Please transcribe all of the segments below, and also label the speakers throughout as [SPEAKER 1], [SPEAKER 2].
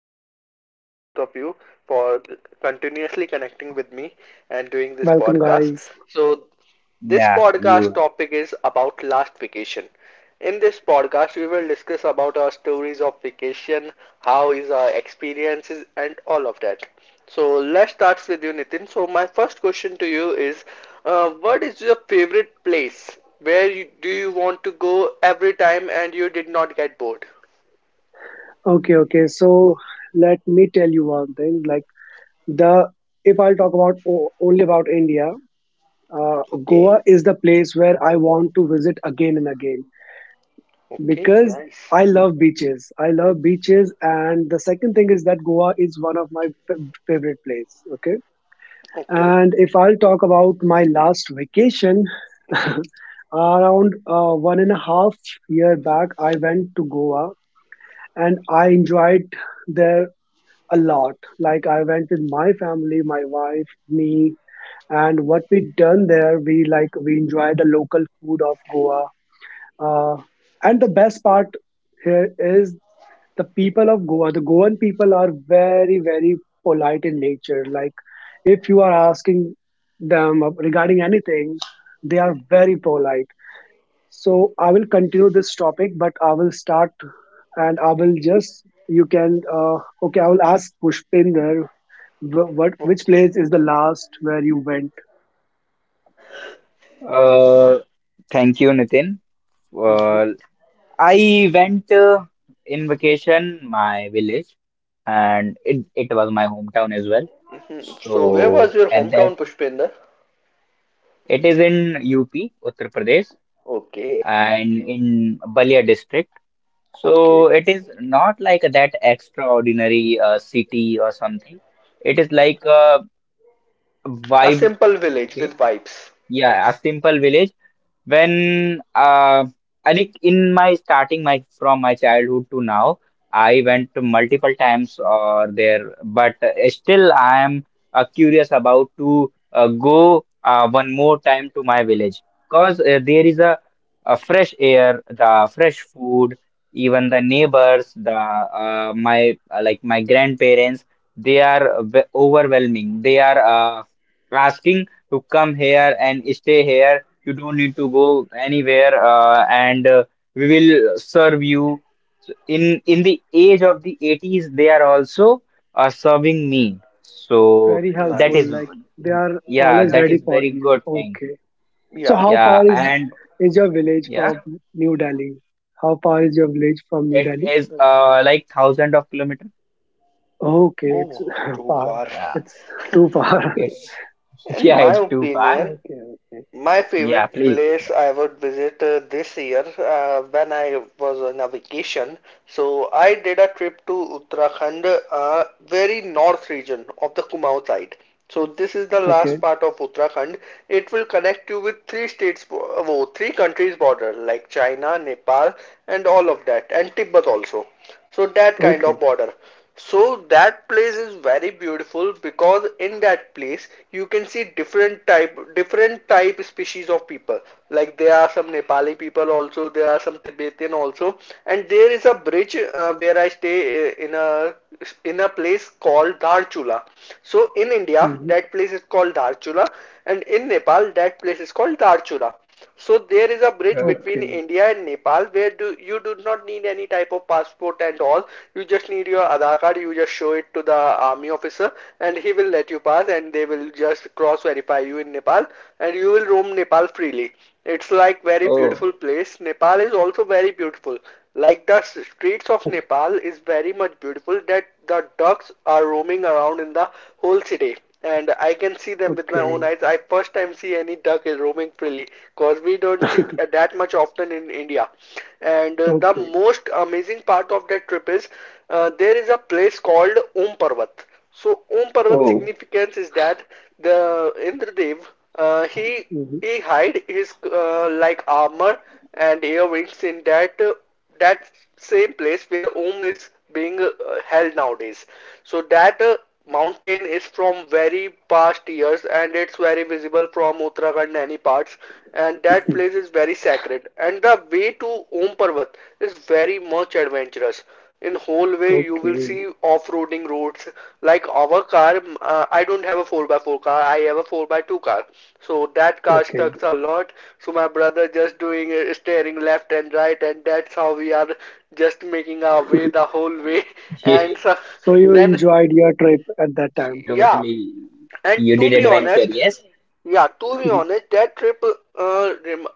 [SPEAKER 1] to thank you to both of you for continuously connecting with me and doing this
[SPEAKER 2] Welcome,
[SPEAKER 1] podcast.
[SPEAKER 2] guys.
[SPEAKER 1] So, this
[SPEAKER 3] Yeah,
[SPEAKER 1] podcast
[SPEAKER 3] you.
[SPEAKER 1] topic is about last vacation. In this podcast, we will discuss about our stories of vacation, how is our experiences, and all of that. So let's start with you, Nitin. So my first question to you is, what is your favorite place? Where you, do you want to go every time and you did not get bored?
[SPEAKER 2] Okay, okay. So let me tell you one thing. Like the if I'll talk about only about India,
[SPEAKER 1] Okay.
[SPEAKER 2] Goa is the place where I want to visit again and again
[SPEAKER 1] Okay.
[SPEAKER 2] because
[SPEAKER 1] Nice.
[SPEAKER 2] I love beaches. I love beaches, and the second thing is that Goa is one of my favorite place. Okay,
[SPEAKER 1] Okay.
[SPEAKER 2] and if I'll talk about my last vacation, around 1.5 year back, I went to Goa and I enjoyed there a lot. Like I went with my family, my wife, me, and what we done there, we like we enjoyed the local food of Goa. Uh, and the best part here is the people of Goa. The Goan people are very very polite in nature. Like if you are asking them regarding anything, they are very polite. So I will continue this topic, but I will start and I will just you can okay, I will ask Pushpinder, Wh- what which
[SPEAKER 1] Okay.
[SPEAKER 2] place is the last where you went?
[SPEAKER 3] Uh, Thank you, Nitin.
[SPEAKER 2] Mhm.
[SPEAKER 3] Well, I went in vacation my village, and it was my hometown as well.
[SPEAKER 1] Mhm. So where was
[SPEAKER 3] So
[SPEAKER 1] your
[SPEAKER 3] at that,
[SPEAKER 1] hometown, Pushpinder?
[SPEAKER 3] it is in UP, Uttar Pradesh,
[SPEAKER 1] Okay.
[SPEAKER 3] and in Balia district. So
[SPEAKER 1] Okay.
[SPEAKER 3] it is not like that extraordinary city or something. It is like a
[SPEAKER 1] A
[SPEAKER 3] vibe.
[SPEAKER 1] simple village
[SPEAKER 3] Okay,
[SPEAKER 1] with vibes.
[SPEAKER 3] yeah, a simple village. When I think in my starting my from my childhood to now, I went to multiple times or there, but still I am curious about to go one more time to my village because there is a fresh air, the fresh food, even the neighbors, the my like my grandparents, they are overwhelming. They are asking to come here and stay here, you don't need to go anywhere, and we will serve you. So in the age of the 80s, they are also serving me.
[SPEAKER 2] Very
[SPEAKER 3] That
[SPEAKER 2] helpful.
[SPEAKER 3] is,
[SPEAKER 1] Nice.
[SPEAKER 2] Like they are
[SPEAKER 3] yeah,
[SPEAKER 2] always
[SPEAKER 3] that
[SPEAKER 2] ready
[SPEAKER 3] is
[SPEAKER 2] for
[SPEAKER 3] very
[SPEAKER 2] you.
[SPEAKER 3] good thing.
[SPEAKER 2] Okay. So
[SPEAKER 1] Yeah.
[SPEAKER 2] how
[SPEAKER 3] Yeah,
[SPEAKER 2] far is
[SPEAKER 3] and
[SPEAKER 2] your village
[SPEAKER 3] yeah,
[SPEAKER 2] from New Delhi? How far is your village from New
[SPEAKER 3] it
[SPEAKER 2] Delhi?
[SPEAKER 3] is like thousand of kilometer.
[SPEAKER 2] Okay, it's
[SPEAKER 1] Oh, too
[SPEAKER 2] far.
[SPEAKER 1] far.
[SPEAKER 3] Yeah,
[SPEAKER 2] It's too far.
[SPEAKER 3] it's
[SPEAKER 1] In
[SPEAKER 3] yeah,
[SPEAKER 1] my
[SPEAKER 3] it's too far.
[SPEAKER 1] opinion,
[SPEAKER 2] Okay, okay,
[SPEAKER 1] my
[SPEAKER 3] Yeah,
[SPEAKER 1] favorite
[SPEAKER 3] please.
[SPEAKER 1] place I would visit this year when I was on a vacation. So I did a trip to Uttarakhand, very north region of the Kumaon side. So this is the last
[SPEAKER 2] okay,
[SPEAKER 1] part of Uttarakhand. It will connect you with three states, three countries border like China, Nepal, and all of that, and Tibet also. So that kind
[SPEAKER 2] okay.
[SPEAKER 1] of border. So that place is very beautiful because in that place you can see different type species of people. Like there are some Nepali people also, there are some Tibetan also, and there is a bridge where I stay in a place called Dharchula. So in India,
[SPEAKER 2] Hmm.
[SPEAKER 1] that place is called Dharchula, and in Nepal, that place is called Dharchula. So there is a bridge
[SPEAKER 3] Uh,
[SPEAKER 1] between
[SPEAKER 2] Okay,
[SPEAKER 1] India and Nepal where do you do not need any type of passport and all. You just need your Aadhaar card. You just show it to the army officer, and he will let you pass, and they will just cross verify you in Nepal, and you will roam Nepal freely. It's like very beautiful
[SPEAKER 3] oh,
[SPEAKER 1] place. Nepal is also very beautiful. Like the streets of Nepal is very much beautiful that the ducks are roaming around in the whole city and I can see them with my own
[SPEAKER 2] okay.
[SPEAKER 1] eyes. I first time see any duck is roaming freely because we don't see that much often in India. And the
[SPEAKER 2] Okay,
[SPEAKER 1] most amazing part of that trip is there is a place called Om Parvat. So Om Parvat
[SPEAKER 3] oh,
[SPEAKER 2] okay.
[SPEAKER 1] significance is that the Indradev uh, he
[SPEAKER 2] Hmm.
[SPEAKER 1] he hide his armor and earrings in that same place where Om is being held nowadays. So that mountain is from very past years and it's very visible from Uttarakhand and any parts and that place is very sacred and the way to Om Parvat is very much adventurous in whole way you will
[SPEAKER 2] Okay,
[SPEAKER 1] see off-roading roads like our car I don't have a 4x4 car I have a 4x2 car so that car
[SPEAKER 2] okay.
[SPEAKER 1] sucks a lot so my brother just doing steering left and right and that's how we are just making our way the whole way
[SPEAKER 3] yeah,
[SPEAKER 1] and so,
[SPEAKER 2] So you
[SPEAKER 1] then
[SPEAKER 2] enjoyed your trip at that time?
[SPEAKER 1] yeah
[SPEAKER 3] totally.
[SPEAKER 1] and
[SPEAKER 3] You
[SPEAKER 1] to
[SPEAKER 3] did
[SPEAKER 1] be
[SPEAKER 3] adventure,
[SPEAKER 1] honest,
[SPEAKER 3] yes?
[SPEAKER 1] yeah, to be honest, that trip rem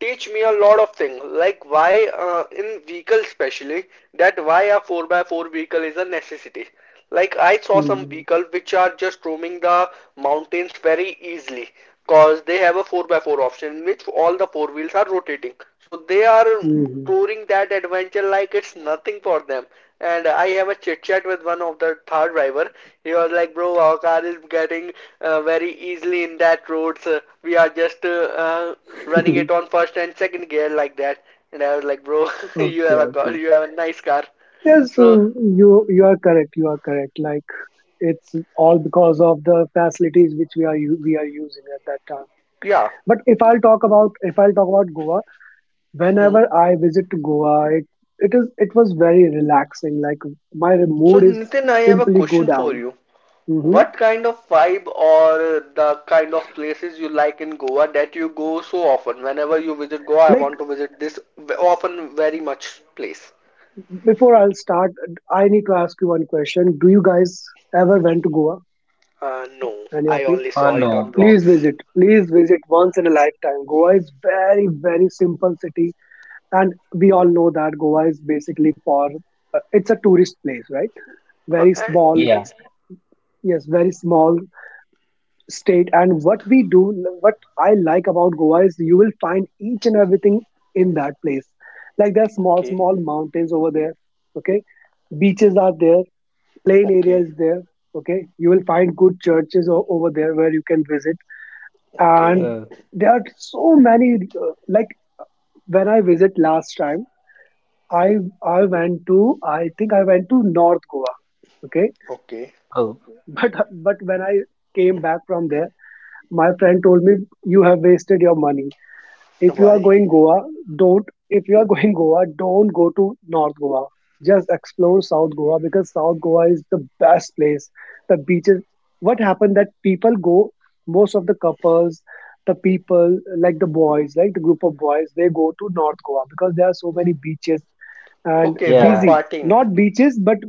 [SPEAKER 1] teach me a lot of things, like why in vehicle especially, that why a 4 by 4 vehicle is a necessity. Like I saw some
[SPEAKER 2] Mhm.
[SPEAKER 1] vehicle which are just roaming the mountains very easily, cause they have a 4 by 4 option in which all the four wheels are rotating. So they are
[SPEAKER 2] Mhm.
[SPEAKER 1] touring that adventure like it's nothing for them. And I have a chit chat with one of the third driver. He was like, "Bro, our car is getting very easily in that roads. We are just uh, running it on first and second gear like that." And I was like, "Bro,
[SPEAKER 2] Okay, okay.
[SPEAKER 1] you have a nice car."
[SPEAKER 2] Yes,
[SPEAKER 1] So
[SPEAKER 2] you are correct. You are correct. Like it's all because of the facilities which we are using at that time.
[SPEAKER 1] yeah.
[SPEAKER 2] But if I'll talk about, Goa,
[SPEAKER 1] Hmm.
[SPEAKER 2] whenever I visit to Goa, it is it was very relaxing. Like my
[SPEAKER 1] So
[SPEAKER 2] mood is
[SPEAKER 1] Nitin, I have a
[SPEAKER 2] simply go
[SPEAKER 1] question for
[SPEAKER 2] down.
[SPEAKER 1] you.
[SPEAKER 2] hmm
[SPEAKER 1] What kind of vibe or the kind of places you like in Goa that you go so often? Whenever you visit Goa, I
[SPEAKER 2] Like
[SPEAKER 1] want to visit this often very much place.
[SPEAKER 2] before I'll start, I need to ask you one question. Do you guys ever went to Goa?
[SPEAKER 1] No,
[SPEAKER 2] Any of
[SPEAKER 1] I
[SPEAKER 2] you?
[SPEAKER 1] only
[SPEAKER 3] Oh,
[SPEAKER 1] saw it on
[SPEAKER 3] no.
[SPEAKER 2] Please
[SPEAKER 1] blogs.
[SPEAKER 2] visit. Please visit once in a lifetime. Goa is very very simple city, and we all know that Goa is basically for it's a tourist place, right? Very
[SPEAKER 1] And
[SPEAKER 2] small.
[SPEAKER 3] Yeah.
[SPEAKER 2] Yes, very small state. And what I like about Goa is you will find each and everything in that place. Like there are small
[SPEAKER 1] okay,
[SPEAKER 2] small mountains over there. Okay, beaches are there. Plain
[SPEAKER 1] okay,
[SPEAKER 2] areas there. Okay, you will find good churches over there where you can visit,
[SPEAKER 1] okay,
[SPEAKER 2] and
[SPEAKER 3] Uh,
[SPEAKER 2] there are so many like, when I visit last time, I I went to I think I went to North Goa. Okay.
[SPEAKER 1] okay.
[SPEAKER 3] oh.
[SPEAKER 2] but but when I came back from there, my friend told me, you have wasted your money. If you are
[SPEAKER 1] Why?
[SPEAKER 2] going Goa, don't. If you are going Goa, don't go to North Goa. Just explore South Goa because South Goa is the best place. The beaches. What happened that people go, most of the couples, the people, like the boys, like the group of boys, they go to North Goa because there are so many beaches, and
[SPEAKER 1] Okay, for
[SPEAKER 3] Yeah,
[SPEAKER 2] busy
[SPEAKER 1] partying.
[SPEAKER 2] not beaches but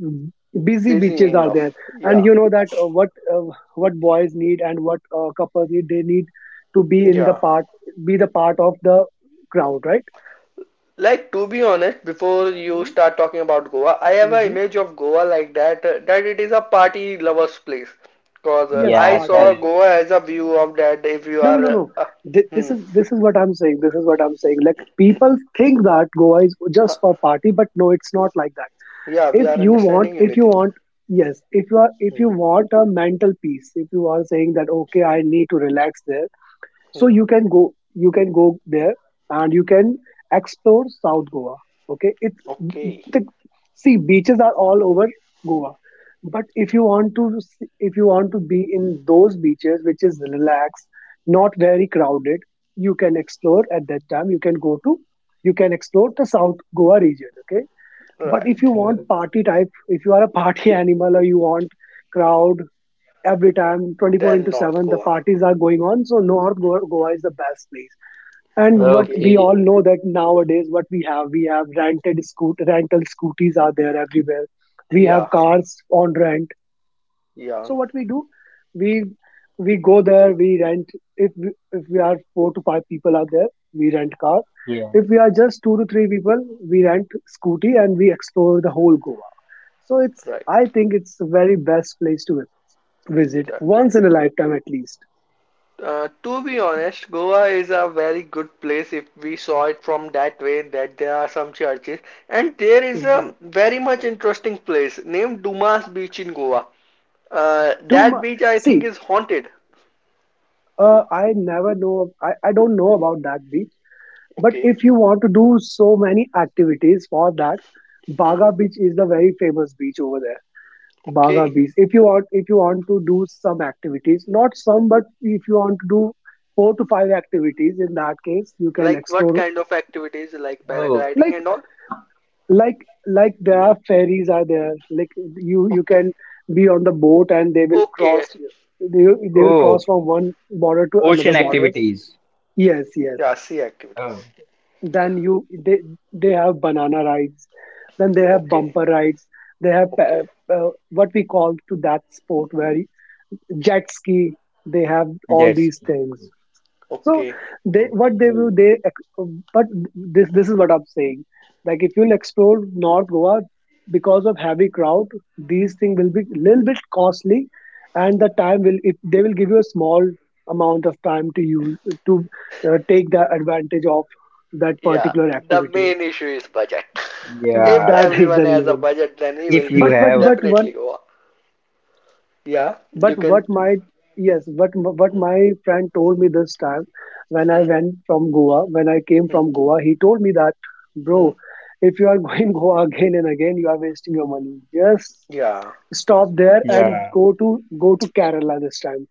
[SPEAKER 2] busy
[SPEAKER 1] Busy
[SPEAKER 2] beaches are there,
[SPEAKER 1] enough.
[SPEAKER 2] and
[SPEAKER 1] Yeah,
[SPEAKER 2] you know that uh, what boys need and what couples need, they need to be in the
[SPEAKER 1] yeah.
[SPEAKER 2] part be the part of the crowd, right?
[SPEAKER 1] Like to be honest, before
[SPEAKER 2] For
[SPEAKER 1] you
[SPEAKER 2] me.
[SPEAKER 1] start talking about Goa, I have an
[SPEAKER 2] Hmm.
[SPEAKER 1] image of Goa like that that it is a party lovers place. Cause
[SPEAKER 2] Yes,
[SPEAKER 1] I
[SPEAKER 3] yeah,
[SPEAKER 2] party.
[SPEAKER 1] saw
[SPEAKER 3] correct.
[SPEAKER 1] Goa as a view of that. If you
[SPEAKER 2] No, no,
[SPEAKER 1] are,
[SPEAKER 2] no, no. Th-
[SPEAKER 1] hmm,
[SPEAKER 2] this is this is what I'm saying. Like, people think that Goa is
[SPEAKER 1] huh,
[SPEAKER 2] just for party, but no, it's not like that.
[SPEAKER 1] yeah, we
[SPEAKER 2] If
[SPEAKER 1] are
[SPEAKER 2] you want,
[SPEAKER 1] understanding you, Nitin.
[SPEAKER 2] yes, if you are, if you
[SPEAKER 1] Hmm,
[SPEAKER 2] want a mental peace, if you are saying that okay, I need to relax there, so
[SPEAKER 1] hmm.
[SPEAKER 2] you can go, you can go there, and you can explore South Goa. Okay, it's
[SPEAKER 1] Okay,
[SPEAKER 2] the, see, beaches are all over Goa, but if you want to be in those beaches which is relaxed, not very crowded, you can explore. At that time, you can go to, you can explore the South Goa region. Okay, but if you
[SPEAKER 1] right.
[SPEAKER 3] Uh,
[SPEAKER 2] want party type, if you are a party animal, or you want crowd every time, 24
[SPEAKER 1] Then
[SPEAKER 2] into
[SPEAKER 1] North
[SPEAKER 2] 7 the
[SPEAKER 1] Goa.
[SPEAKER 2] parties are going on, so North Goa is the best place. And what we
[SPEAKER 1] Okay.
[SPEAKER 2] all
[SPEAKER 3] Okay,
[SPEAKER 2] know, that nowadays what we have, we have rented scoot rental scooties are there everywhere. We
[SPEAKER 1] Yeah,
[SPEAKER 2] have cars on rent.
[SPEAKER 1] yeah,
[SPEAKER 2] So what we do, we we go there, we rent, if we are four to five people are there, we rent car.
[SPEAKER 3] yeah.
[SPEAKER 2] If we are just two to three people, we rent scooty, and we explore the whole Goa. So it's,
[SPEAKER 1] right,
[SPEAKER 2] I think it's the very best place to visit
[SPEAKER 1] right.
[SPEAKER 2] once in a lifetime at least.
[SPEAKER 1] To be honest, Goa is a very good place if we saw it from that way that there are some churches and there is a
[SPEAKER 2] Exactly.
[SPEAKER 1] very much interesting place named Dumas Beach in Goa.
[SPEAKER 2] Too
[SPEAKER 1] That
[SPEAKER 2] much.
[SPEAKER 1] beach I think
[SPEAKER 2] See,
[SPEAKER 1] is haunted.
[SPEAKER 2] I never know. I don't know about that beach. But
[SPEAKER 1] Okay.
[SPEAKER 2] if you want to do so many activities, for that,
[SPEAKER 1] Hmm.
[SPEAKER 2] Baga Beach is the very famous beach over there. Baga
[SPEAKER 1] Okay.
[SPEAKER 2] Beach. If you want to do some activities, not some, but if you want to do four to five activities, in that case, you can
[SPEAKER 1] Like what
[SPEAKER 2] explore,
[SPEAKER 1] kind of activities like
[SPEAKER 3] Oh,
[SPEAKER 1] paragliding
[SPEAKER 2] like
[SPEAKER 1] and all?
[SPEAKER 2] like like there are ferries are there, like, you
[SPEAKER 1] Okay.
[SPEAKER 2] can be on the boat and they will
[SPEAKER 1] Okay.
[SPEAKER 2] cross you, they will cross
[SPEAKER 3] oh,
[SPEAKER 2] from one border to another
[SPEAKER 3] ocean
[SPEAKER 2] border.
[SPEAKER 3] activities.
[SPEAKER 2] Yes, yes.
[SPEAKER 1] Yeah, sea activities.
[SPEAKER 3] Oh,
[SPEAKER 2] Then you they have banana rides. Then they have
[SPEAKER 1] Okay.
[SPEAKER 2] bumper rides. They have
[SPEAKER 1] Okay.
[SPEAKER 2] what we call to that sport where jet ski, they have all
[SPEAKER 3] jet
[SPEAKER 2] these
[SPEAKER 3] ski.
[SPEAKER 2] things. So
[SPEAKER 1] Okay.
[SPEAKER 2] they, what they will
[SPEAKER 3] Okay,
[SPEAKER 2] they but this is what I'm saying. Like, if you'll explore North Goa, because of heavy crowd, these things will be little bit costly, and the time will, if they will give you a small amount of time to use to take the advantage of that
[SPEAKER 1] Yeah,
[SPEAKER 2] particular
[SPEAKER 1] the
[SPEAKER 2] activity.
[SPEAKER 1] main issue is budget. If
[SPEAKER 3] yeah.
[SPEAKER 2] That is the
[SPEAKER 1] everyone has a
[SPEAKER 2] reason.
[SPEAKER 1] budget, then he will
[SPEAKER 3] If you
[SPEAKER 1] visit
[SPEAKER 3] have,
[SPEAKER 2] But
[SPEAKER 1] definitely
[SPEAKER 2] one
[SPEAKER 1] Goa. Yeah,
[SPEAKER 2] but
[SPEAKER 1] you
[SPEAKER 2] what
[SPEAKER 1] can.
[SPEAKER 2] my yes what my friend told me this time, when I
[SPEAKER 1] Hmm,
[SPEAKER 2] went from Goa, when I came
[SPEAKER 1] hmm,
[SPEAKER 2] from Goa, he told me that, bro,
[SPEAKER 1] hmm.
[SPEAKER 2] if you are going Goa again and again, you are wasting your money. Just
[SPEAKER 1] Yeah.
[SPEAKER 2] stop there and
[SPEAKER 3] yeah,
[SPEAKER 2] go to, go to Kerala this time.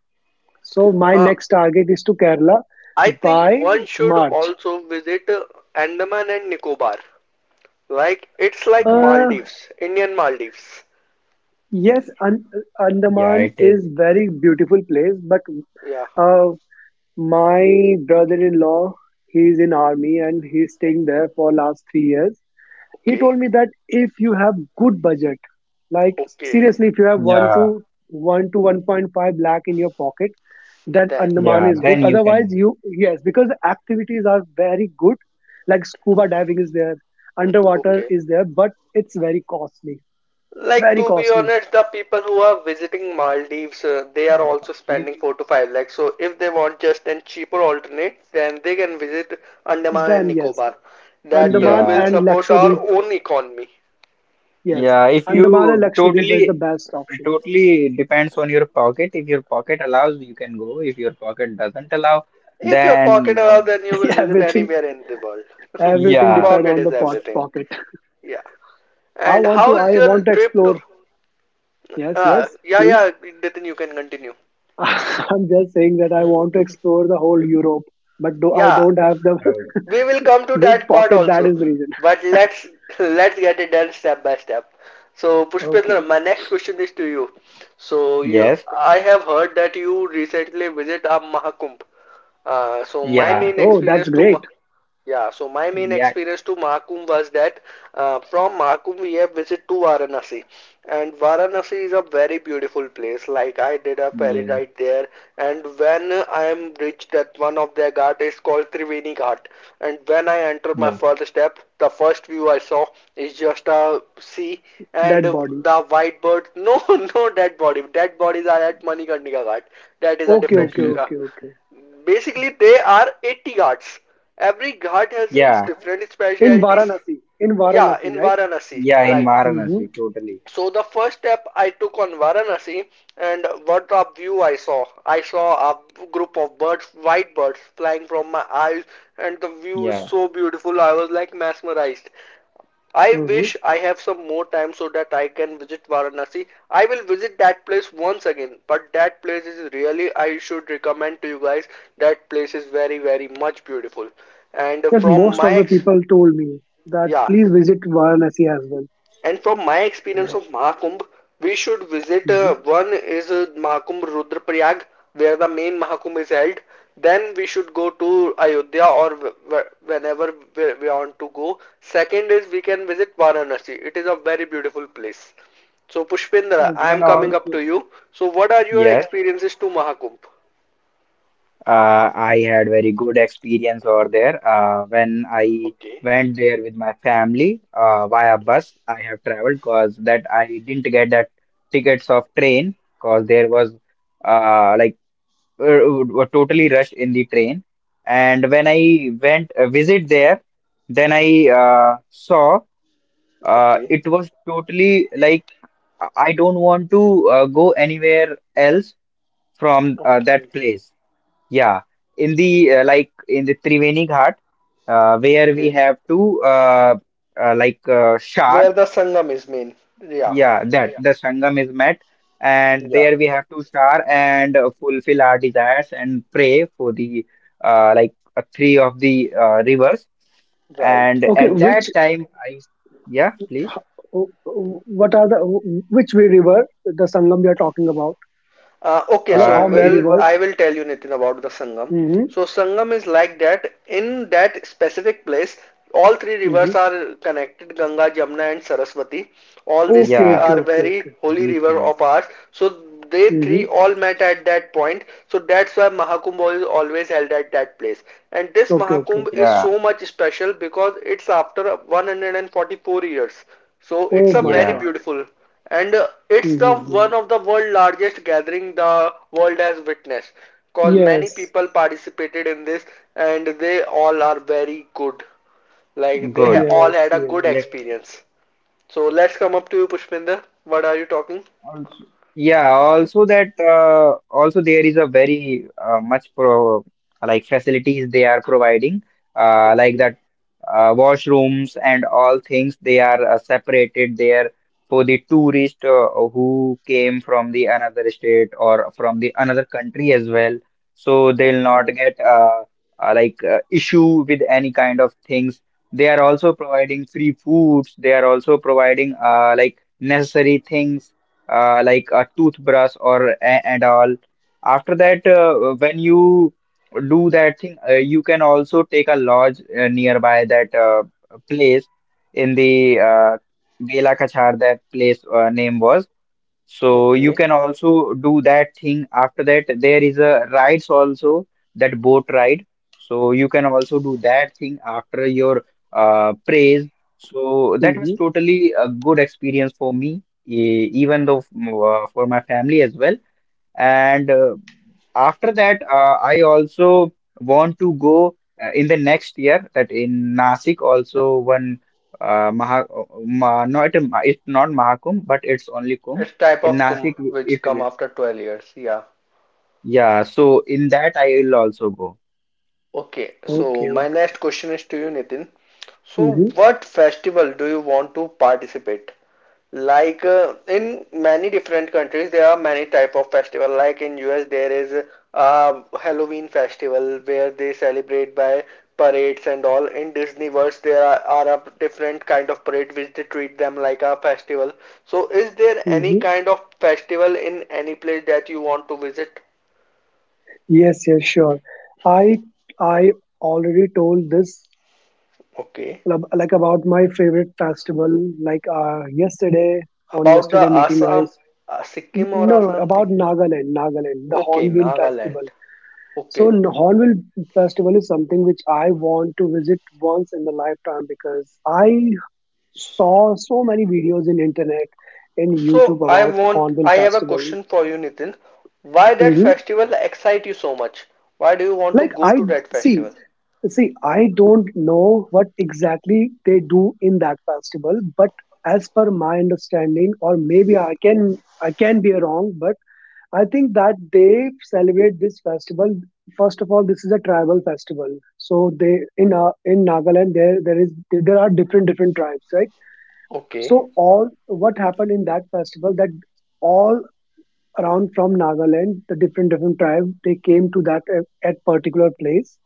[SPEAKER 2] So my
[SPEAKER 1] Uh,
[SPEAKER 2] next target is to Kerala
[SPEAKER 1] I think
[SPEAKER 2] by
[SPEAKER 1] one should
[SPEAKER 2] march.
[SPEAKER 1] also visit Andaman and Nicobar. Like, it's like
[SPEAKER 2] uh
[SPEAKER 3] yeah,
[SPEAKER 1] Maldives, Indian Maldives.
[SPEAKER 2] yes An-
[SPEAKER 3] yeah,
[SPEAKER 2] Andaman
[SPEAKER 3] it is.
[SPEAKER 2] is very beautiful place, but
[SPEAKER 1] Yeah,
[SPEAKER 2] uh, my brother-in-law, he's in army and he's staying there for last 3 years. He
[SPEAKER 1] okay,
[SPEAKER 2] told me that if you have good budget, like
[SPEAKER 1] okay,
[SPEAKER 2] seriously, if you have
[SPEAKER 3] Yeah,
[SPEAKER 2] one point five lakh in your pocket, that
[SPEAKER 1] then
[SPEAKER 2] Andaman
[SPEAKER 3] yeah,
[SPEAKER 2] is
[SPEAKER 1] visit.
[SPEAKER 2] good.
[SPEAKER 3] then you can
[SPEAKER 2] Otherwise,
[SPEAKER 3] do.
[SPEAKER 2] you, yes, because the activities are very good. Like, scuba diving is there, underwater
[SPEAKER 1] Okay.
[SPEAKER 2] is there, but it's very costly,
[SPEAKER 1] Like
[SPEAKER 2] very
[SPEAKER 1] to be
[SPEAKER 2] costly.
[SPEAKER 1] honest, the people who are visiting Maldives, they are also spending
[SPEAKER 3] If,
[SPEAKER 1] 4 to 5 lakhs. So if they want just an cheaper alternate, then they can visit Andaman and
[SPEAKER 2] Then yes,
[SPEAKER 1] Nicobar. That
[SPEAKER 2] Andaman
[SPEAKER 1] will
[SPEAKER 3] yeah,
[SPEAKER 2] and
[SPEAKER 1] support our
[SPEAKER 2] Lakshadweep.
[SPEAKER 1] own economy.
[SPEAKER 2] Yes,
[SPEAKER 3] yeah, if
[SPEAKER 2] Andaman and
[SPEAKER 3] you
[SPEAKER 2] Lakshadweep is
[SPEAKER 3] totally,
[SPEAKER 2] the best
[SPEAKER 3] it
[SPEAKER 2] option.
[SPEAKER 3] totally depends on your pocket. If your pocket allows, you can go. If your pocket doesn't allow,
[SPEAKER 1] If your
[SPEAKER 3] then,
[SPEAKER 1] pocket allows, then you will visit
[SPEAKER 2] everything
[SPEAKER 1] anywhere in the world.
[SPEAKER 2] Everything
[SPEAKER 3] yeah.
[SPEAKER 2] depend
[SPEAKER 1] Pocket
[SPEAKER 2] on the
[SPEAKER 1] is
[SPEAKER 2] pot
[SPEAKER 1] everything.
[SPEAKER 2] pocket.
[SPEAKER 1] Yeah.
[SPEAKER 2] i
[SPEAKER 1] And
[SPEAKER 2] want to
[SPEAKER 1] how is
[SPEAKER 2] I
[SPEAKER 1] your
[SPEAKER 2] want to
[SPEAKER 1] trip
[SPEAKER 2] explore,
[SPEAKER 1] to?
[SPEAKER 2] yes,
[SPEAKER 1] Ah,
[SPEAKER 2] yes,
[SPEAKER 1] yeah,
[SPEAKER 2] please.
[SPEAKER 1] yeah. Then you can continue.
[SPEAKER 2] I'm just saying that I
[SPEAKER 1] Hmm.
[SPEAKER 2] want to explore the whole Europe, but do, I
[SPEAKER 1] Yeah,
[SPEAKER 2] don't have the
[SPEAKER 3] Oh,
[SPEAKER 1] we will come to
[SPEAKER 2] good
[SPEAKER 1] that part
[SPEAKER 2] pocket. That
[SPEAKER 1] also,
[SPEAKER 2] is the reason.
[SPEAKER 1] but let's get it done step by step. So,
[SPEAKER 2] Okay.
[SPEAKER 1] Pushpendra, my next question is to you. So, you,
[SPEAKER 3] yes.
[SPEAKER 1] I have heard that you recently visit a Mahakumbh. So, my
[SPEAKER 3] Yeah,
[SPEAKER 1] main
[SPEAKER 2] Oh, that's
[SPEAKER 1] experience to
[SPEAKER 2] great.
[SPEAKER 1] yeah, so my main
[SPEAKER 3] yeah,
[SPEAKER 1] experience to Mahakumbh was that from Mahakumbh we have visit to Varanasi, and Varanasi is a very beautiful place. Like I did a ferry
[SPEAKER 3] yeah,
[SPEAKER 1] ride there, and when I am reached at one of their ghat is called Triveni Ghat, and when I entered my
[SPEAKER 3] yeah,
[SPEAKER 1] first step, the first view I saw is just a sea and
[SPEAKER 2] Dead body.
[SPEAKER 1] the white birds. No, no dead body. Dead bodies are at Manikarnika Ghat. That is a
[SPEAKER 2] Okay,
[SPEAKER 1] different
[SPEAKER 2] okay,
[SPEAKER 3] He-
[SPEAKER 2] okay, okay.
[SPEAKER 1] Basically, they are 80 ghats. Every ghat has its
[SPEAKER 3] yeah,
[SPEAKER 1] different
[SPEAKER 2] In
[SPEAKER 1] specialities.
[SPEAKER 2] Varanasi,
[SPEAKER 1] Yeah, in
[SPEAKER 2] right.
[SPEAKER 1] Varanasi,
[SPEAKER 3] yeah, in
[SPEAKER 1] right.
[SPEAKER 2] Mm-hmm,
[SPEAKER 3] Varanasi, totally.
[SPEAKER 1] So the first step I took on Varanasi and what a view I saw. I saw a group of birds, white birds, flying from my eyes and the view is
[SPEAKER 3] Yeah,
[SPEAKER 1] so beautiful. I was like mesmerized. I
[SPEAKER 2] mm-hmm.
[SPEAKER 1] wish I have some more time so that I can visit Varanasi. I will visit that place once again, but that place is really, I should recommend to you guys. That place is very, very much beautiful. And
[SPEAKER 2] Yes,
[SPEAKER 1] from
[SPEAKER 2] most
[SPEAKER 1] my
[SPEAKER 2] of the
[SPEAKER 1] ex,
[SPEAKER 2] people told me that
[SPEAKER 1] yeah,
[SPEAKER 2] please visit Varanasi as well.
[SPEAKER 1] and from my experience
[SPEAKER 3] no,
[SPEAKER 1] of Mahakumbh, we should visit
[SPEAKER 2] Hmm.
[SPEAKER 1] one is Mahakumbh Rudraprayag, where the main Mahakumbh is held. Then we should go to Ayodhya or whenever we want to go. Second is we can visit Varanasi. It is a very beautiful place. So Pushpendra,
[SPEAKER 3] you
[SPEAKER 1] I am
[SPEAKER 3] can
[SPEAKER 2] Okay,
[SPEAKER 1] coming up
[SPEAKER 3] also,
[SPEAKER 1] to you. So what are your
[SPEAKER 3] yes.
[SPEAKER 1] experiences to Mahakumbh?
[SPEAKER 3] I had very good experience over there. When I
[SPEAKER 1] Okay.
[SPEAKER 3] went there with my family, via bus, I have traveled because that I didn't get that tickets of train because there was, like, uh, were totally rushed in the train. And when I went visit there, then I saw.
[SPEAKER 1] Okay,
[SPEAKER 3] It was totally like I don't want to go anywhere else from that
[SPEAKER 1] okay,
[SPEAKER 3] place. Yeah, in the like in the Triveni Ghat, where we
[SPEAKER 1] okay.
[SPEAKER 3] have to like shower.
[SPEAKER 1] Where the Sangam is main. Yeah,
[SPEAKER 3] Yeah, that the Sangam is met, and
[SPEAKER 1] yeah,
[SPEAKER 3] there we have to shower and fulfill our desires and pray for the like three of the rivers.
[SPEAKER 1] right.
[SPEAKER 3] And
[SPEAKER 2] okay.
[SPEAKER 3] at
[SPEAKER 2] which
[SPEAKER 3] that time, I yeah, please.
[SPEAKER 2] Ho- What are the which river the Sangam we are talking about?
[SPEAKER 1] Okay,
[SPEAKER 2] Like,
[SPEAKER 1] so
[SPEAKER 2] how many
[SPEAKER 3] It
[SPEAKER 1] well,
[SPEAKER 3] was.
[SPEAKER 1] I
[SPEAKER 2] rivers?
[SPEAKER 1] will tell you Nitin about the Sangam.
[SPEAKER 2] Hmm.
[SPEAKER 1] So Sangam is like that. In that specific place, all three rivers
[SPEAKER 2] Hmm.
[SPEAKER 1] are connected: Ganga, Jamuna, and Saraswati. All these
[SPEAKER 2] Okay,
[SPEAKER 1] three
[SPEAKER 3] Yeah,
[SPEAKER 2] okay,
[SPEAKER 1] are
[SPEAKER 2] okay, okay.
[SPEAKER 1] very holy river
[SPEAKER 3] decent.
[SPEAKER 1] of ours. So they three
[SPEAKER 2] Hmm.
[SPEAKER 1] all met at that point. So that's why Mahakumbh is always held at that place. And this
[SPEAKER 2] Okay, okay.
[SPEAKER 1] Mahakumbh
[SPEAKER 3] Yeah,
[SPEAKER 1] is so much special because it's after 144 years. So it's
[SPEAKER 2] Oh
[SPEAKER 1] a
[SPEAKER 2] my
[SPEAKER 1] very
[SPEAKER 3] yeah,
[SPEAKER 2] God.
[SPEAKER 1] beautiful and it's the
[SPEAKER 2] Hmm.
[SPEAKER 1] one of the world largest gathering the world has witnessed because many
[SPEAKER 2] Yes,
[SPEAKER 1] people participated in this and they all are very good. Like they ha
[SPEAKER 3] good.
[SPEAKER 1] all
[SPEAKER 2] yes,
[SPEAKER 1] had a good
[SPEAKER 2] yes.
[SPEAKER 3] Let
[SPEAKER 1] experience. So let's come up to you, Pushpinder. What are you talking?
[SPEAKER 3] Also, yeah, also that also there is a very much pro like facilities they are providing like that washrooms and all things they are separated there for the tourist who came from the another state or from the another country as well. So they'll not get like issue with any kind of things. They are also providing free foods. They are also providing like necessary things like a toothbrush or and all. After that, when you do that thing, you can also take a lodge nearby that place in the Bela Kachar, that place name was. So you
[SPEAKER 1] Okay.
[SPEAKER 3] can also do that thing. After that, there is a rides also, that boat ride. So you can also do that thing after your praise. So that was
[SPEAKER 2] Hmm.
[SPEAKER 3] totally a good experience for me, even though for my family as well. And after that, I also want to go in the next year that in Nasik also one uh, Maha, not a it's not Mahakumbh, but it's only Kumbh.
[SPEAKER 1] It's type
[SPEAKER 3] In
[SPEAKER 1] of kumbh
[SPEAKER 3] Nasik,
[SPEAKER 1] which
[SPEAKER 3] it
[SPEAKER 1] come
[SPEAKER 3] will.
[SPEAKER 1] after 12 years. Yeah.
[SPEAKER 3] Yeah, so in that I will also go.
[SPEAKER 1] Okay. So
[SPEAKER 2] Okay,
[SPEAKER 1] my
[SPEAKER 2] okay.
[SPEAKER 1] next question is to you, Nitin. So
[SPEAKER 2] Hmm.
[SPEAKER 1] what festival do you want to participate? Like in many different countries, there are many type of festival. Like in US, there is a Halloween festival where they celebrate by parades and all. In Disney World, are a different kind of parade which they treat them like a festival. So, is there any
[SPEAKER 2] Hmm.
[SPEAKER 1] kind of festival in any place that you want to visit?
[SPEAKER 2] Yes, yes, sure. I I already told this,
[SPEAKER 1] Okay.
[SPEAKER 2] like, about my favorite festival. Like yesterday, on
[SPEAKER 1] About the
[SPEAKER 2] yesterday meeting, I.
[SPEAKER 1] Assam, Sikkim or
[SPEAKER 2] No, no,
[SPEAKER 1] Assam
[SPEAKER 2] about
[SPEAKER 1] thing?
[SPEAKER 2] Nagaland, Nagaland, the
[SPEAKER 1] Okay,
[SPEAKER 2] Hornbill Festival.
[SPEAKER 1] Nagaland.
[SPEAKER 2] So,
[SPEAKER 1] Okay.
[SPEAKER 2] Hornbill Festival is something which I want to visit once in the lifetime because I saw so many videos in internet, in
[SPEAKER 1] So
[SPEAKER 2] YouTube, about Hornbill
[SPEAKER 1] I have a
[SPEAKER 2] Festival.
[SPEAKER 1] question for you, Nitin. Why that
[SPEAKER 2] Hmm.
[SPEAKER 1] festival excite you so much? Why do you want to
[SPEAKER 2] Like,
[SPEAKER 1] go
[SPEAKER 2] I
[SPEAKER 1] to that
[SPEAKER 2] see,
[SPEAKER 1] festival?
[SPEAKER 2] see, I don't know what exactly they do in that festival, but as per my understanding, or maybe I can be wrong, but I think that they celebrate this festival. First of all, this is a tribal festival. So they in Nagaland, there are different different tribes, right?
[SPEAKER 1] Okay,
[SPEAKER 2] So all what happened in that festival, that all around from Nagaland, the different different tribe they came to that at particular place,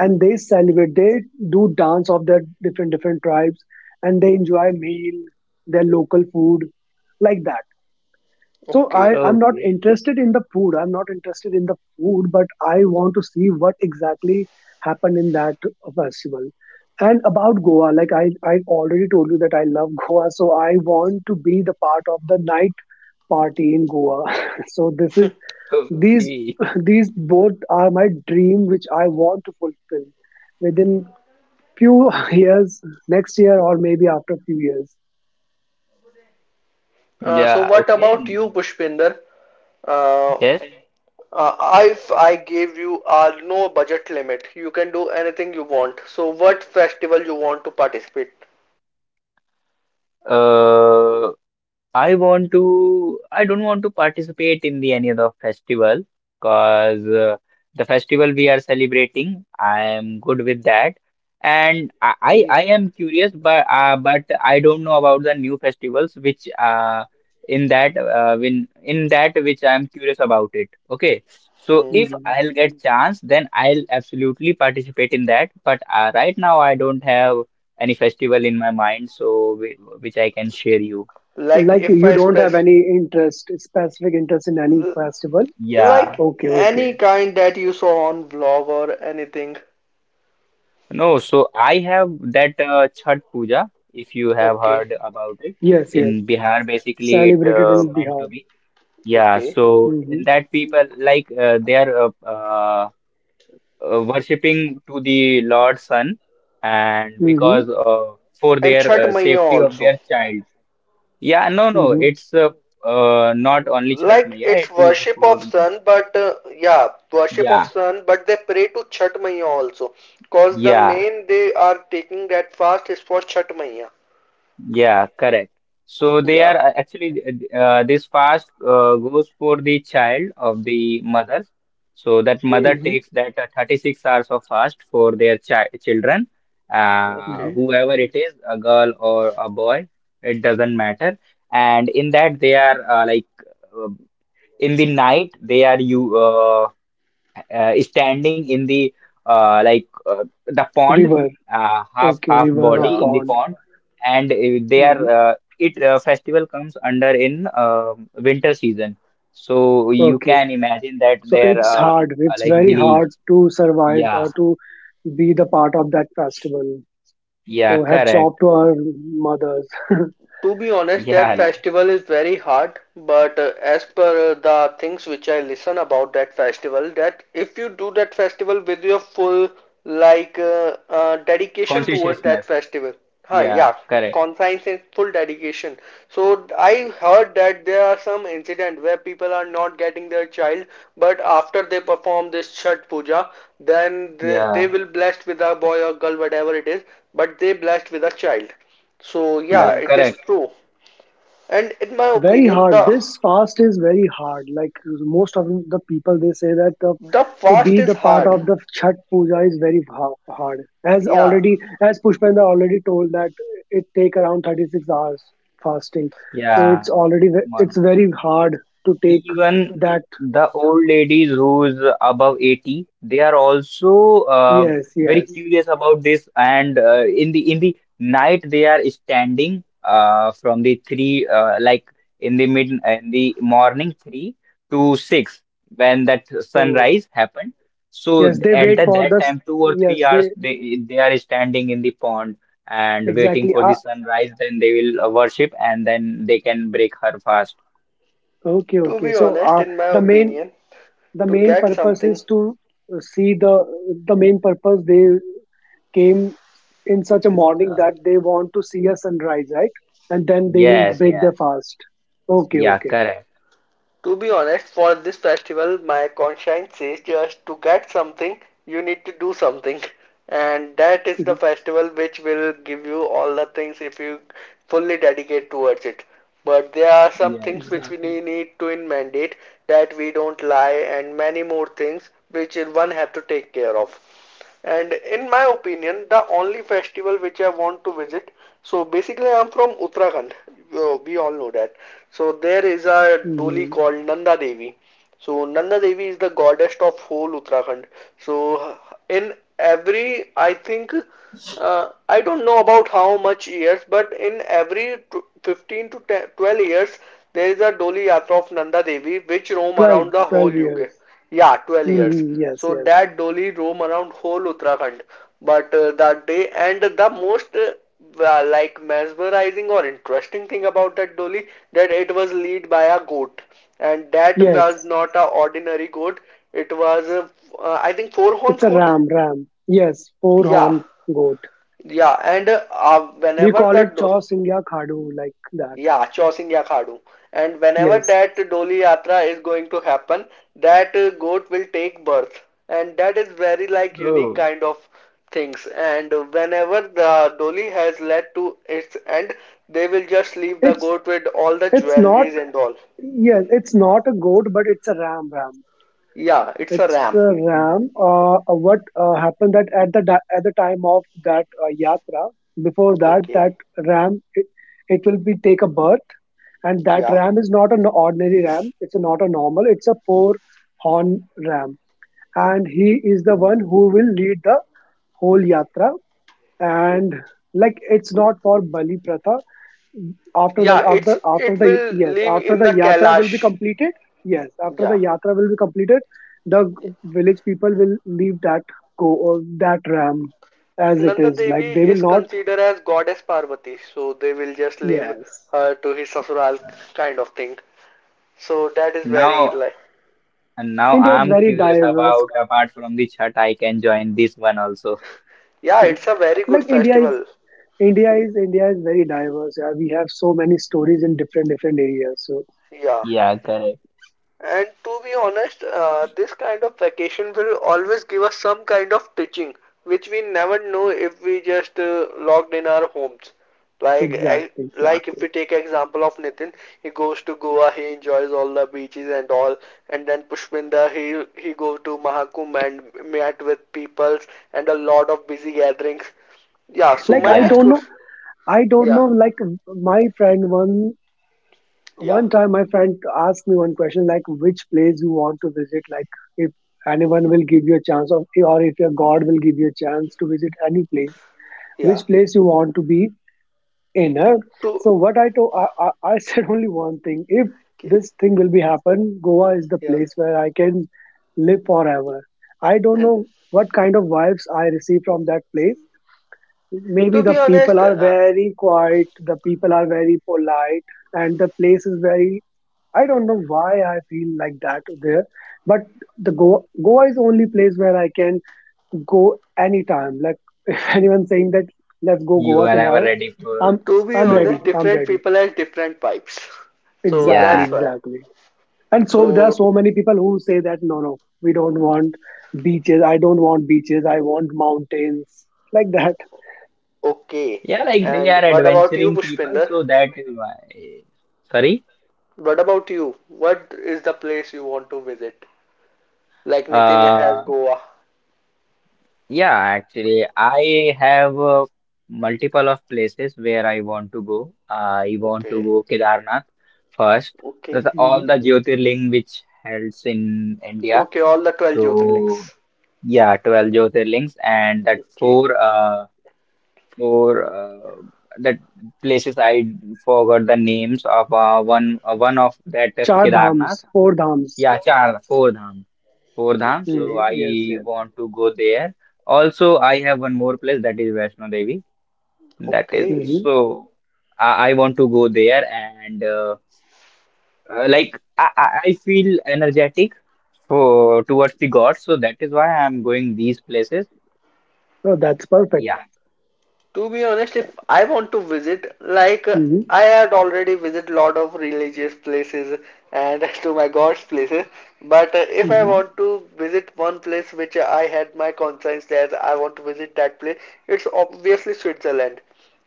[SPEAKER 2] and they celebrate. They do dance of their different different tribes, and they enjoy meal, their local food, like that, so
[SPEAKER 1] okay.
[SPEAKER 2] I'm not
[SPEAKER 3] Okay.
[SPEAKER 2] interested in the food. I'm not interested in the food, but I want to see what exactly happened in that festival. And about Goa, like I already told you that I love Goa, so I want to be the part of the night party in Goa. So this is these
[SPEAKER 3] Okay.
[SPEAKER 2] these both are my dream, which I want to fulfill within few years, next year or maybe after few years.
[SPEAKER 1] So
[SPEAKER 3] Yeah.
[SPEAKER 1] what
[SPEAKER 3] Okay.
[SPEAKER 1] about you, Pushpinder? Uh,
[SPEAKER 3] Yes.
[SPEAKER 1] if I gave you no budget limit, you can do anything you want. So what festival you want to participate?
[SPEAKER 3] Uh. I don't want to participate in the any other festival because the festival we are celebrating, I am good with that. And I, I,
[SPEAKER 1] Okay.
[SPEAKER 3] I am curious, but but I don't know about the new festivals which in that in that which I am curious about it. Okay, so
[SPEAKER 1] Hmm.
[SPEAKER 3] if
[SPEAKER 2] Mhm.
[SPEAKER 3] I'll get chance, then I'll absolutely participate in that. But right now I don't have any festival in my mind, so which I can share you.
[SPEAKER 1] Like
[SPEAKER 2] Like,
[SPEAKER 1] if
[SPEAKER 2] you
[SPEAKER 1] I
[SPEAKER 2] don't
[SPEAKER 1] spec,
[SPEAKER 2] have any interest, specific interest in any festival?
[SPEAKER 3] Yeah,
[SPEAKER 1] like
[SPEAKER 2] Okay, okay.
[SPEAKER 1] any kind that you saw on vlog or anything.
[SPEAKER 3] no, so I have that Chhat Puja, if you have
[SPEAKER 1] Okay.
[SPEAKER 3] heard about it.
[SPEAKER 2] Yes, yes.
[SPEAKER 3] In Bihar, basically, it
[SPEAKER 2] Celebrated in
[SPEAKER 3] meant to
[SPEAKER 2] Bihar.
[SPEAKER 3] be. Yeah,
[SPEAKER 1] Okay.
[SPEAKER 3] so in
[SPEAKER 2] Mm-hmm.
[SPEAKER 3] that people like they are worshipping to the Lord Sun, and
[SPEAKER 2] Mm-hmm.
[SPEAKER 3] because for
[SPEAKER 1] And
[SPEAKER 3] their
[SPEAKER 1] Chhat Maiya
[SPEAKER 3] safety of
[SPEAKER 1] also.
[SPEAKER 3] their child. Yeah, no, no,
[SPEAKER 2] Mm-hmm.
[SPEAKER 3] it's not only Chhat
[SPEAKER 1] Like
[SPEAKER 3] Maiya,
[SPEAKER 1] it's
[SPEAKER 3] it is
[SPEAKER 1] worship
[SPEAKER 3] for
[SPEAKER 1] of sun, but yeah, worship of
[SPEAKER 3] yeah,
[SPEAKER 1] sun, but they pray to Chhat Maiya also. Cause the
[SPEAKER 3] yeah.
[SPEAKER 1] main they are taking that fast is for Chhat Maiya.
[SPEAKER 3] Yeah, correct. So they are
[SPEAKER 1] Yeah.
[SPEAKER 3] actually, this fast goes for the child of the mother. So that mother
[SPEAKER 1] Okay.
[SPEAKER 2] Mm-hmm.
[SPEAKER 3] takes that 36 hours of fast for their children,
[SPEAKER 2] Mm-hmm.
[SPEAKER 1] Okay.
[SPEAKER 3] whoever it is, a girl or a boy, it doesn't matter. And in that they are like uh, in the night they are you standing in the like the pond,
[SPEAKER 2] River.
[SPEAKER 3] half
[SPEAKER 2] Okay,
[SPEAKER 3] half
[SPEAKER 2] river or
[SPEAKER 3] body
[SPEAKER 1] Yeah.
[SPEAKER 3] in the
[SPEAKER 2] pond.
[SPEAKER 3] pond, and they are
[SPEAKER 2] Hmm.
[SPEAKER 3] it festival comes under in winter season. So you
[SPEAKER 2] Okay.
[SPEAKER 3] can imagine that
[SPEAKER 2] So
[SPEAKER 3] their
[SPEAKER 2] it's hard. It's
[SPEAKER 3] like
[SPEAKER 2] very
[SPEAKER 3] belief,
[SPEAKER 2] hard to survive
[SPEAKER 3] yeah,
[SPEAKER 2] or to be the part of that festival.
[SPEAKER 3] yeah,
[SPEAKER 2] So hats off
[SPEAKER 3] correct,
[SPEAKER 2] to our mothers.
[SPEAKER 1] To be honest, that
[SPEAKER 3] yeah,
[SPEAKER 1] festival is very hard, but as per the things which I listen about that festival, that if you do that festival with your full like dedication
[SPEAKER 3] consciousness,
[SPEAKER 1] towards that festival, huh?
[SPEAKER 3] yeah,
[SPEAKER 1] Yeah,
[SPEAKER 3] correct,
[SPEAKER 1] conscience and full dedication. So I heard that there are some incident where people are not getting their child, but after they perform this Chhat Puja, then they
[SPEAKER 3] yeah,
[SPEAKER 1] will blessed with a boy or girl, whatever it is, but they blessed with a child. So yeah,
[SPEAKER 3] that's
[SPEAKER 2] Yes,
[SPEAKER 1] it is
[SPEAKER 3] correct,
[SPEAKER 1] true. And in my
[SPEAKER 2] very
[SPEAKER 1] opinion,
[SPEAKER 2] hard.
[SPEAKER 1] the
[SPEAKER 2] This fast is very hard. Like, most of the people they say that the,
[SPEAKER 1] the
[SPEAKER 2] to
[SPEAKER 1] fast
[SPEAKER 2] be
[SPEAKER 1] is
[SPEAKER 2] the part
[SPEAKER 1] hard.
[SPEAKER 2] of the chat puja is very hard,
[SPEAKER 1] Yeah.
[SPEAKER 2] as pushpendra already told that it take around 36 hours fasting. So it's
[SPEAKER 3] yeah, that
[SPEAKER 2] already
[SPEAKER 3] one.
[SPEAKER 2] it's very hard to take
[SPEAKER 3] Even
[SPEAKER 2] that.
[SPEAKER 3] the old ladies who's above 80, they are also
[SPEAKER 2] Yes,
[SPEAKER 3] very
[SPEAKER 2] yes.
[SPEAKER 3] curious about this. And in the night, they are standing from the three, like in the mid in the morning 3 to 6 when that
[SPEAKER 2] Oh.
[SPEAKER 3] sunrise happened. So
[SPEAKER 2] yes they
[SPEAKER 3] at
[SPEAKER 2] wait for
[SPEAKER 3] that
[SPEAKER 2] the s
[SPEAKER 3] time, two or
[SPEAKER 2] yes
[SPEAKER 3] three
[SPEAKER 2] they
[SPEAKER 3] hours, they are standing in the pond and waiting
[SPEAKER 2] Exactly.
[SPEAKER 3] for the
[SPEAKER 2] Ah,
[SPEAKER 3] sunrise. Then they will worship and then they can break her fast.
[SPEAKER 2] okay,
[SPEAKER 1] To
[SPEAKER 2] okay,
[SPEAKER 1] be
[SPEAKER 2] so
[SPEAKER 1] honest, in my
[SPEAKER 2] the main
[SPEAKER 1] opinion,
[SPEAKER 2] the
[SPEAKER 1] to
[SPEAKER 2] main
[SPEAKER 1] get
[SPEAKER 2] purpose
[SPEAKER 1] something,
[SPEAKER 2] is to see the. The main purpose, they came in such a morning that they want to see a sunrise, right? And then they will
[SPEAKER 3] Yes,
[SPEAKER 2] break their
[SPEAKER 3] yes.
[SPEAKER 2] fast. Okay,
[SPEAKER 3] Yeah,
[SPEAKER 2] okay.
[SPEAKER 3] correct.
[SPEAKER 1] to be honest, for this festival, my conscience says just to get something, you need to do something. And that is the
[SPEAKER 2] Mhm.
[SPEAKER 1] festival which will give you all the things if you fully dedicate towards it. But there are some
[SPEAKER 3] Yeah.
[SPEAKER 1] things which we
[SPEAKER 2] Exactly.
[SPEAKER 1] need to in mandate that we don't lie and many more things which one have to take care of. And in my opinion, the only festival which I want to visit. So basically, I'm from Uttarakhand. We all know that. So there is a
[SPEAKER 2] Mm-hmm.
[SPEAKER 1] Doli called Nanda Devi. So Nanda Devi is the goddess of whole Uttarakhand. So in every, I think, I don't know about how much years, but in every 15 to 12 years, there is a Doli Yatra of Nanda Devi which roam
[SPEAKER 2] 12,
[SPEAKER 1] around the
[SPEAKER 2] twelve
[SPEAKER 1] whole UK.
[SPEAKER 2] years
[SPEAKER 1] Yeah, 12 years.
[SPEAKER 2] Mm-hmm. Yes,
[SPEAKER 1] So
[SPEAKER 2] yes.
[SPEAKER 1] that dolly roam around whole Uttarakhand. But that day and the most like mesmerizing or interesting thing about that dolly that it was led by a goat, and that was
[SPEAKER 2] Yes,
[SPEAKER 1] not a ordinary goat. It was a, I think four
[SPEAKER 2] it's
[SPEAKER 1] horns
[SPEAKER 2] a
[SPEAKER 1] goat.
[SPEAKER 2] ram, ram. Yes, four
[SPEAKER 1] Yeah,
[SPEAKER 2] horn goat.
[SPEAKER 1] yeah. And
[SPEAKER 2] We
[SPEAKER 1] whenever
[SPEAKER 2] call it
[SPEAKER 1] that. Do,
[SPEAKER 2] chaw singya khadu, like that.
[SPEAKER 1] yeah, Chausingya Khadu. And whenever
[SPEAKER 2] Yes.
[SPEAKER 1] that Doli Yatra is going to happen, that goat will take birth. And that is very like unique
[SPEAKER 3] Oh,
[SPEAKER 1] kind of things. And whenever the Doli has led to its end, they will just leave the
[SPEAKER 2] it's
[SPEAKER 1] goat with all the
[SPEAKER 2] it's not.
[SPEAKER 1] jewelries and all.
[SPEAKER 2] Yes, it's not a goat, but it's a ram, ram.
[SPEAKER 1] Yeah, it's a
[SPEAKER 2] It's
[SPEAKER 1] ram.
[SPEAKER 2] Ram. What happened that at the at the time of that yatra, before that,
[SPEAKER 1] Okay.
[SPEAKER 2] that Ram, it will be take a birth, and that
[SPEAKER 1] Yeah.
[SPEAKER 2] Ram is not an ordinary Ram. It's not a normal. It's a four horn Ram, and he is the one who will lead the whole yatra. And, like, it's not for Bali Pratha. After that,
[SPEAKER 1] Yeah, it's
[SPEAKER 2] after after
[SPEAKER 1] it
[SPEAKER 2] the
[SPEAKER 1] will
[SPEAKER 2] yes,
[SPEAKER 1] live
[SPEAKER 2] after
[SPEAKER 1] in
[SPEAKER 2] the
[SPEAKER 1] the
[SPEAKER 2] yatra will be
[SPEAKER 1] Kailash.
[SPEAKER 2] completed. Yes, after
[SPEAKER 1] Yeah.
[SPEAKER 2] the yatra will be completed, the
[SPEAKER 1] Yeah.
[SPEAKER 2] village people will leave that go or
[SPEAKER 1] Yeah.
[SPEAKER 2] that ram,
[SPEAKER 1] Cause
[SPEAKER 2] as it
[SPEAKER 1] Nanda
[SPEAKER 2] is, like they
[SPEAKER 1] Devi is
[SPEAKER 2] will not.
[SPEAKER 1] considered as goddess Parvati, so they will just leave
[SPEAKER 2] Yes,
[SPEAKER 1] her to his sasural kind of thing. So that is very
[SPEAKER 3] now
[SPEAKER 1] like,
[SPEAKER 3] now
[SPEAKER 2] India is
[SPEAKER 3] I'm
[SPEAKER 2] very
[SPEAKER 3] curious
[SPEAKER 2] diverse.
[SPEAKER 3] about apart from the chat, I can join this one also.
[SPEAKER 1] yeah, it's a very good
[SPEAKER 2] Like,
[SPEAKER 1] festival.
[SPEAKER 2] India is very diverse. Yeah, we have so many stories in different different areas, so
[SPEAKER 1] Yeah.
[SPEAKER 3] Yeah, correct.
[SPEAKER 1] And to be honest, this kind of vacation will always give us some kind of teaching, which we never know if we just logged in our homes. Like, I,
[SPEAKER 2] exactly,
[SPEAKER 1] like if we
[SPEAKER 2] exactly.
[SPEAKER 1] take example of Nitin, he goes to Goa, he enjoys all the beaches and all, and then Pushpinda, he go to Mahakumbh and met with peoples and a lot of busy gatherings. Yeah. So
[SPEAKER 2] Like,
[SPEAKER 1] my
[SPEAKER 2] i
[SPEAKER 3] Yeah,
[SPEAKER 1] next
[SPEAKER 2] don't know
[SPEAKER 1] question.
[SPEAKER 2] i don't
[SPEAKER 1] Yeah.
[SPEAKER 2] know like, my friend one
[SPEAKER 1] Yeah.
[SPEAKER 2] one time, my friend asked me one question, like, which place you want to visit? Like, if anyone will give you a chance, of, or if your God will give you a chance to visit any place, which
[SPEAKER 1] Yeah.
[SPEAKER 2] place you want to be in? Huh?
[SPEAKER 1] To.
[SPEAKER 2] So what I told, I said only one thing: if this thing will be happen, Goa is the
[SPEAKER 1] Yeah.
[SPEAKER 2] place where I can live forever. I don't
[SPEAKER 1] And
[SPEAKER 2] know what kind of vibes I receive from that place. Maybe
[SPEAKER 1] to
[SPEAKER 2] the
[SPEAKER 1] be
[SPEAKER 2] people
[SPEAKER 1] honest,
[SPEAKER 2] are very quiet, the people are very polite, and the place is very, I don't know why I feel like that there, but the Goa is the only place where I can go anytime. Like, if anyone's saying that let's go
[SPEAKER 3] you
[SPEAKER 2] Goa
[SPEAKER 3] are ever
[SPEAKER 2] tomorrow,
[SPEAKER 3] ready for
[SPEAKER 2] I'm
[SPEAKER 1] to be
[SPEAKER 2] I'm
[SPEAKER 3] Goa.
[SPEAKER 1] honest,
[SPEAKER 2] ready. I'm
[SPEAKER 1] different
[SPEAKER 2] ready.
[SPEAKER 1] people has different pipes. So
[SPEAKER 2] Exactly,
[SPEAKER 3] Yeah,
[SPEAKER 1] that's why.
[SPEAKER 2] exactly. And so there are
[SPEAKER 1] So,
[SPEAKER 2] so many people who say that no, no, we don't want beaches. I don't want beaches. I want mountains, like that.
[SPEAKER 1] okay.
[SPEAKER 3] yeah, like they
[SPEAKER 1] And
[SPEAKER 3] are
[SPEAKER 1] what about you,
[SPEAKER 3] adventuring people,
[SPEAKER 1] Pushpinder?
[SPEAKER 3] so that is why. Sorry.
[SPEAKER 1] What about you? What is the place you want to visit? Like Nitin has
[SPEAKER 3] Uh,
[SPEAKER 1] Goa.
[SPEAKER 3] Yeah, actually, I have multiple of places where I want to go. I want to
[SPEAKER 1] Okay.
[SPEAKER 3] go Kedarnath first.
[SPEAKER 1] Okay.
[SPEAKER 3] That's
[SPEAKER 2] Hmm.
[SPEAKER 3] all the Jyotirling which helps in India.
[SPEAKER 1] Okay, all the 12
[SPEAKER 3] So
[SPEAKER 1] Jyotirlings.
[SPEAKER 3] yeah, 12 Jyotirlings and that
[SPEAKER 1] Okay.
[SPEAKER 3] four that places I forgot the names of one of that is
[SPEAKER 2] Char
[SPEAKER 3] Kedarnath,
[SPEAKER 2] dhams, four dhams.
[SPEAKER 3] yeah, Char Four Dham. So
[SPEAKER 1] Okay.
[SPEAKER 2] Mm,
[SPEAKER 3] I
[SPEAKER 2] yes, yes.
[SPEAKER 3] want to go there. Also, I have one more place that is Vaishno Devi. That is
[SPEAKER 1] Okay.
[SPEAKER 2] Hmm.
[SPEAKER 3] so I want to go there and like I feel energetic for towards the God. So that is why I'm going these places.
[SPEAKER 2] Oh, that's perfect.
[SPEAKER 3] Yeah.
[SPEAKER 1] To be honest, if I want to visit, like
[SPEAKER 2] Hmm.
[SPEAKER 1] I had already visited a lot of religious places and to my God's places, but if I
[SPEAKER 2] Hmm.
[SPEAKER 3] Hmm.
[SPEAKER 1] want to visit one place which I had my conscience that I want to visit that place, it's obviously Switzerland.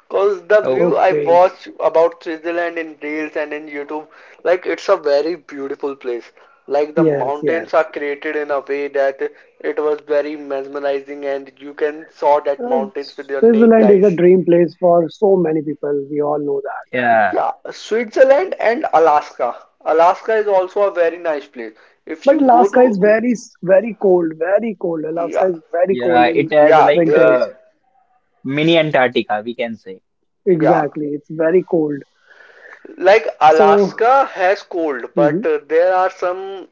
[SPEAKER 1] Cause the
[SPEAKER 3] Oh,
[SPEAKER 1] view I
[SPEAKER 2] Okay.
[SPEAKER 1] watch about Switzerland in reels and in YouTube, like it's a very beautiful place. Like the
[SPEAKER 2] Yes,
[SPEAKER 1] mountains are
[SPEAKER 2] yes.
[SPEAKER 1] created in a way that it was very mesmerizing and you can saw that
[SPEAKER 2] Uh,
[SPEAKER 1] mountains with your naked
[SPEAKER 2] Switzerland is a
[SPEAKER 1] eyes.
[SPEAKER 2] dream place for so many people. We all know that.
[SPEAKER 3] yeah,
[SPEAKER 1] Yeah, Switzerland and Alaska. Alaska is also a very nice place. If
[SPEAKER 2] But
[SPEAKER 1] you go
[SPEAKER 2] Alaska is
[SPEAKER 1] to,
[SPEAKER 2] very, very cold, very cold. Alaska
[SPEAKER 1] yeah,
[SPEAKER 2] is very cold
[SPEAKER 3] yeah.
[SPEAKER 2] in
[SPEAKER 3] It has
[SPEAKER 1] yeah,
[SPEAKER 3] like
[SPEAKER 1] there is,
[SPEAKER 2] winters.
[SPEAKER 3] mini Antarctica, we can say.
[SPEAKER 1] yeah.
[SPEAKER 2] Exactly. It's very cold.
[SPEAKER 1] Like
[SPEAKER 2] So,
[SPEAKER 1] Alaska has cold,
[SPEAKER 2] mhm,
[SPEAKER 1] but there are some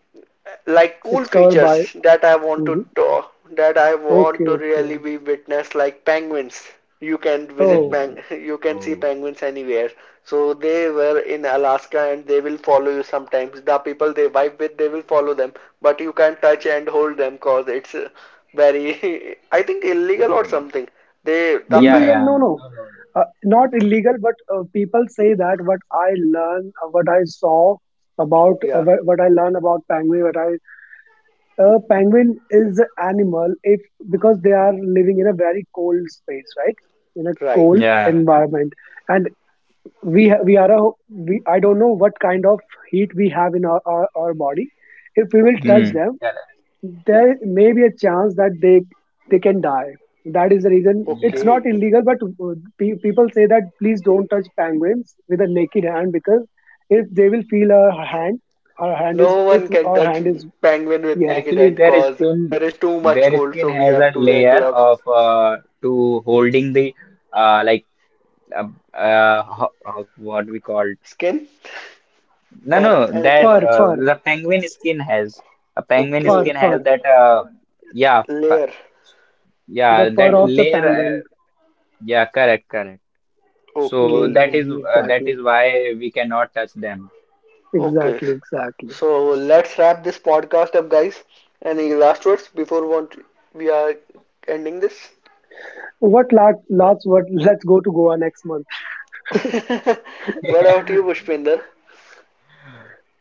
[SPEAKER 1] like cool
[SPEAKER 2] it's covered by.
[SPEAKER 1] features that I want to
[SPEAKER 2] Mhm.
[SPEAKER 1] ta- that I want
[SPEAKER 2] Okay,
[SPEAKER 1] to really
[SPEAKER 2] okay.
[SPEAKER 1] be witness like penguins. You can visit
[SPEAKER 2] Oh,
[SPEAKER 3] Dang.
[SPEAKER 1] peng you can see
[SPEAKER 3] Oh,
[SPEAKER 1] penguins anywhere. So they were in Alaska and they will follow you sometimes. The people they vibe with they will follow them, but you can't touch and hold them cause it's very I think illegal
[SPEAKER 3] uh,
[SPEAKER 1] or something. They the
[SPEAKER 3] yeah,
[SPEAKER 2] illegal?
[SPEAKER 1] fa-
[SPEAKER 2] No,
[SPEAKER 3] yeah. No,
[SPEAKER 2] no.
[SPEAKER 3] no, no.
[SPEAKER 2] Not illegal, but people say that what I learn, what I saw about,
[SPEAKER 1] yeah,
[SPEAKER 2] what I learn about penguin, what I. A penguin is an animal if, because they are living in a very cold space, right? In a
[SPEAKER 1] right.
[SPEAKER 2] cold
[SPEAKER 3] Yeah.
[SPEAKER 2] environment, and we are a we I don't know what kind of heat we have in our body. If we will touch
[SPEAKER 1] Okay,
[SPEAKER 3] Hmm.
[SPEAKER 2] them,
[SPEAKER 3] Correct.
[SPEAKER 2] there may be a chance that they can die. That is the reason it's
[SPEAKER 3] Yeah.
[SPEAKER 2] not
[SPEAKER 1] okay.
[SPEAKER 2] illegal, but people say that please don't touch penguins with a naked hand, because if they will feel our hand is
[SPEAKER 1] No
[SPEAKER 2] if
[SPEAKER 1] one can
[SPEAKER 2] our
[SPEAKER 1] touch
[SPEAKER 2] hand is.
[SPEAKER 1] penguin with
[SPEAKER 2] Yes,
[SPEAKER 1] naked
[SPEAKER 3] Actually,
[SPEAKER 1] hand cause there is too much
[SPEAKER 3] their
[SPEAKER 1] cold
[SPEAKER 3] skin
[SPEAKER 1] so we
[SPEAKER 3] has
[SPEAKER 1] have
[SPEAKER 3] a
[SPEAKER 1] to wear
[SPEAKER 3] layer
[SPEAKER 1] gloves.
[SPEAKER 3] of to holding the like uh, what we call
[SPEAKER 1] Skin
[SPEAKER 3] no, no,
[SPEAKER 1] or
[SPEAKER 3] that
[SPEAKER 1] anything.
[SPEAKER 2] fur, fur.
[SPEAKER 3] the penguin skin has a penguin
[SPEAKER 2] Fur,
[SPEAKER 3] skin
[SPEAKER 1] Okay.
[SPEAKER 3] has
[SPEAKER 2] fur.
[SPEAKER 3] that yeah,
[SPEAKER 1] Layer.
[SPEAKER 2] The
[SPEAKER 3] yeah, that
[SPEAKER 2] fur of the
[SPEAKER 3] layer,
[SPEAKER 2] penguin.
[SPEAKER 3] yeah, correct, correct, so
[SPEAKER 1] Okay.
[SPEAKER 3] that is,
[SPEAKER 2] Hmm,
[SPEAKER 3] that
[SPEAKER 2] exactly.
[SPEAKER 3] is why we cannot touch them.
[SPEAKER 1] Okay.
[SPEAKER 2] Exactly, exactly.
[SPEAKER 1] So let's wrap this podcast up, guys. Any last words before want we are ending this?
[SPEAKER 2] What last, last word? Let's go to Goa next month.
[SPEAKER 1] What about you, Pushpinder?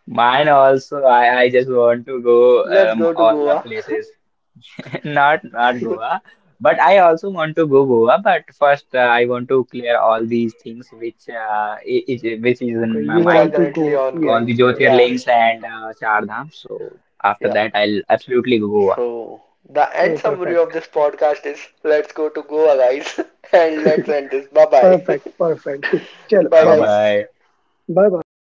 [SPEAKER 3] Mine also, I just want to go,
[SPEAKER 1] Let's go to
[SPEAKER 3] all the
[SPEAKER 1] Goa.
[SPEAKER 3] places. Not Goa, but I also want to go Goa. But first, I want to clear all these things which I- is which is
[SPEAKER 2] Okay,
[SPEAKER 3] in my
[SPEAKER 2] you
[SPEAKER 1] Which are
[SPEAKER 3] mind,
[SPEAKER 2] want to
[SPEAKER 1] currently
[SPEAKER 2] go?
[SPEAKER 3] all
[SPEAKER 2] Yes,
[SPEAKER 1] ongoing.
[SPEAKER 3] the
[SPEAKER 2] yes.
[SPEAKER 1] Yeah.
[SPEAKER 3] Jyotirlings and Char Dham. So after
[SPEAKER 1] Yeah.
[SPEAKER 3] that, I'll absolutely go Goa.
[SPEAKER 1] So, the end
[SPEAKER 2] Oh,
[SPEAKER 1] summary of
[SPEAKER 2] perfect.
[SPEAKER 1] this podcast is let's go to Goa, guys, and let's end this. Bye bye.
[SPEAKER 2] Perfect, perfect. Chalo,
[SPEAKER 1] Bye,
[SPEAKER 2] bye bye.
[SPEAKER 1] guys.
[SPEAKER 3] Bye.
[SPEAKER 2] Bye bye.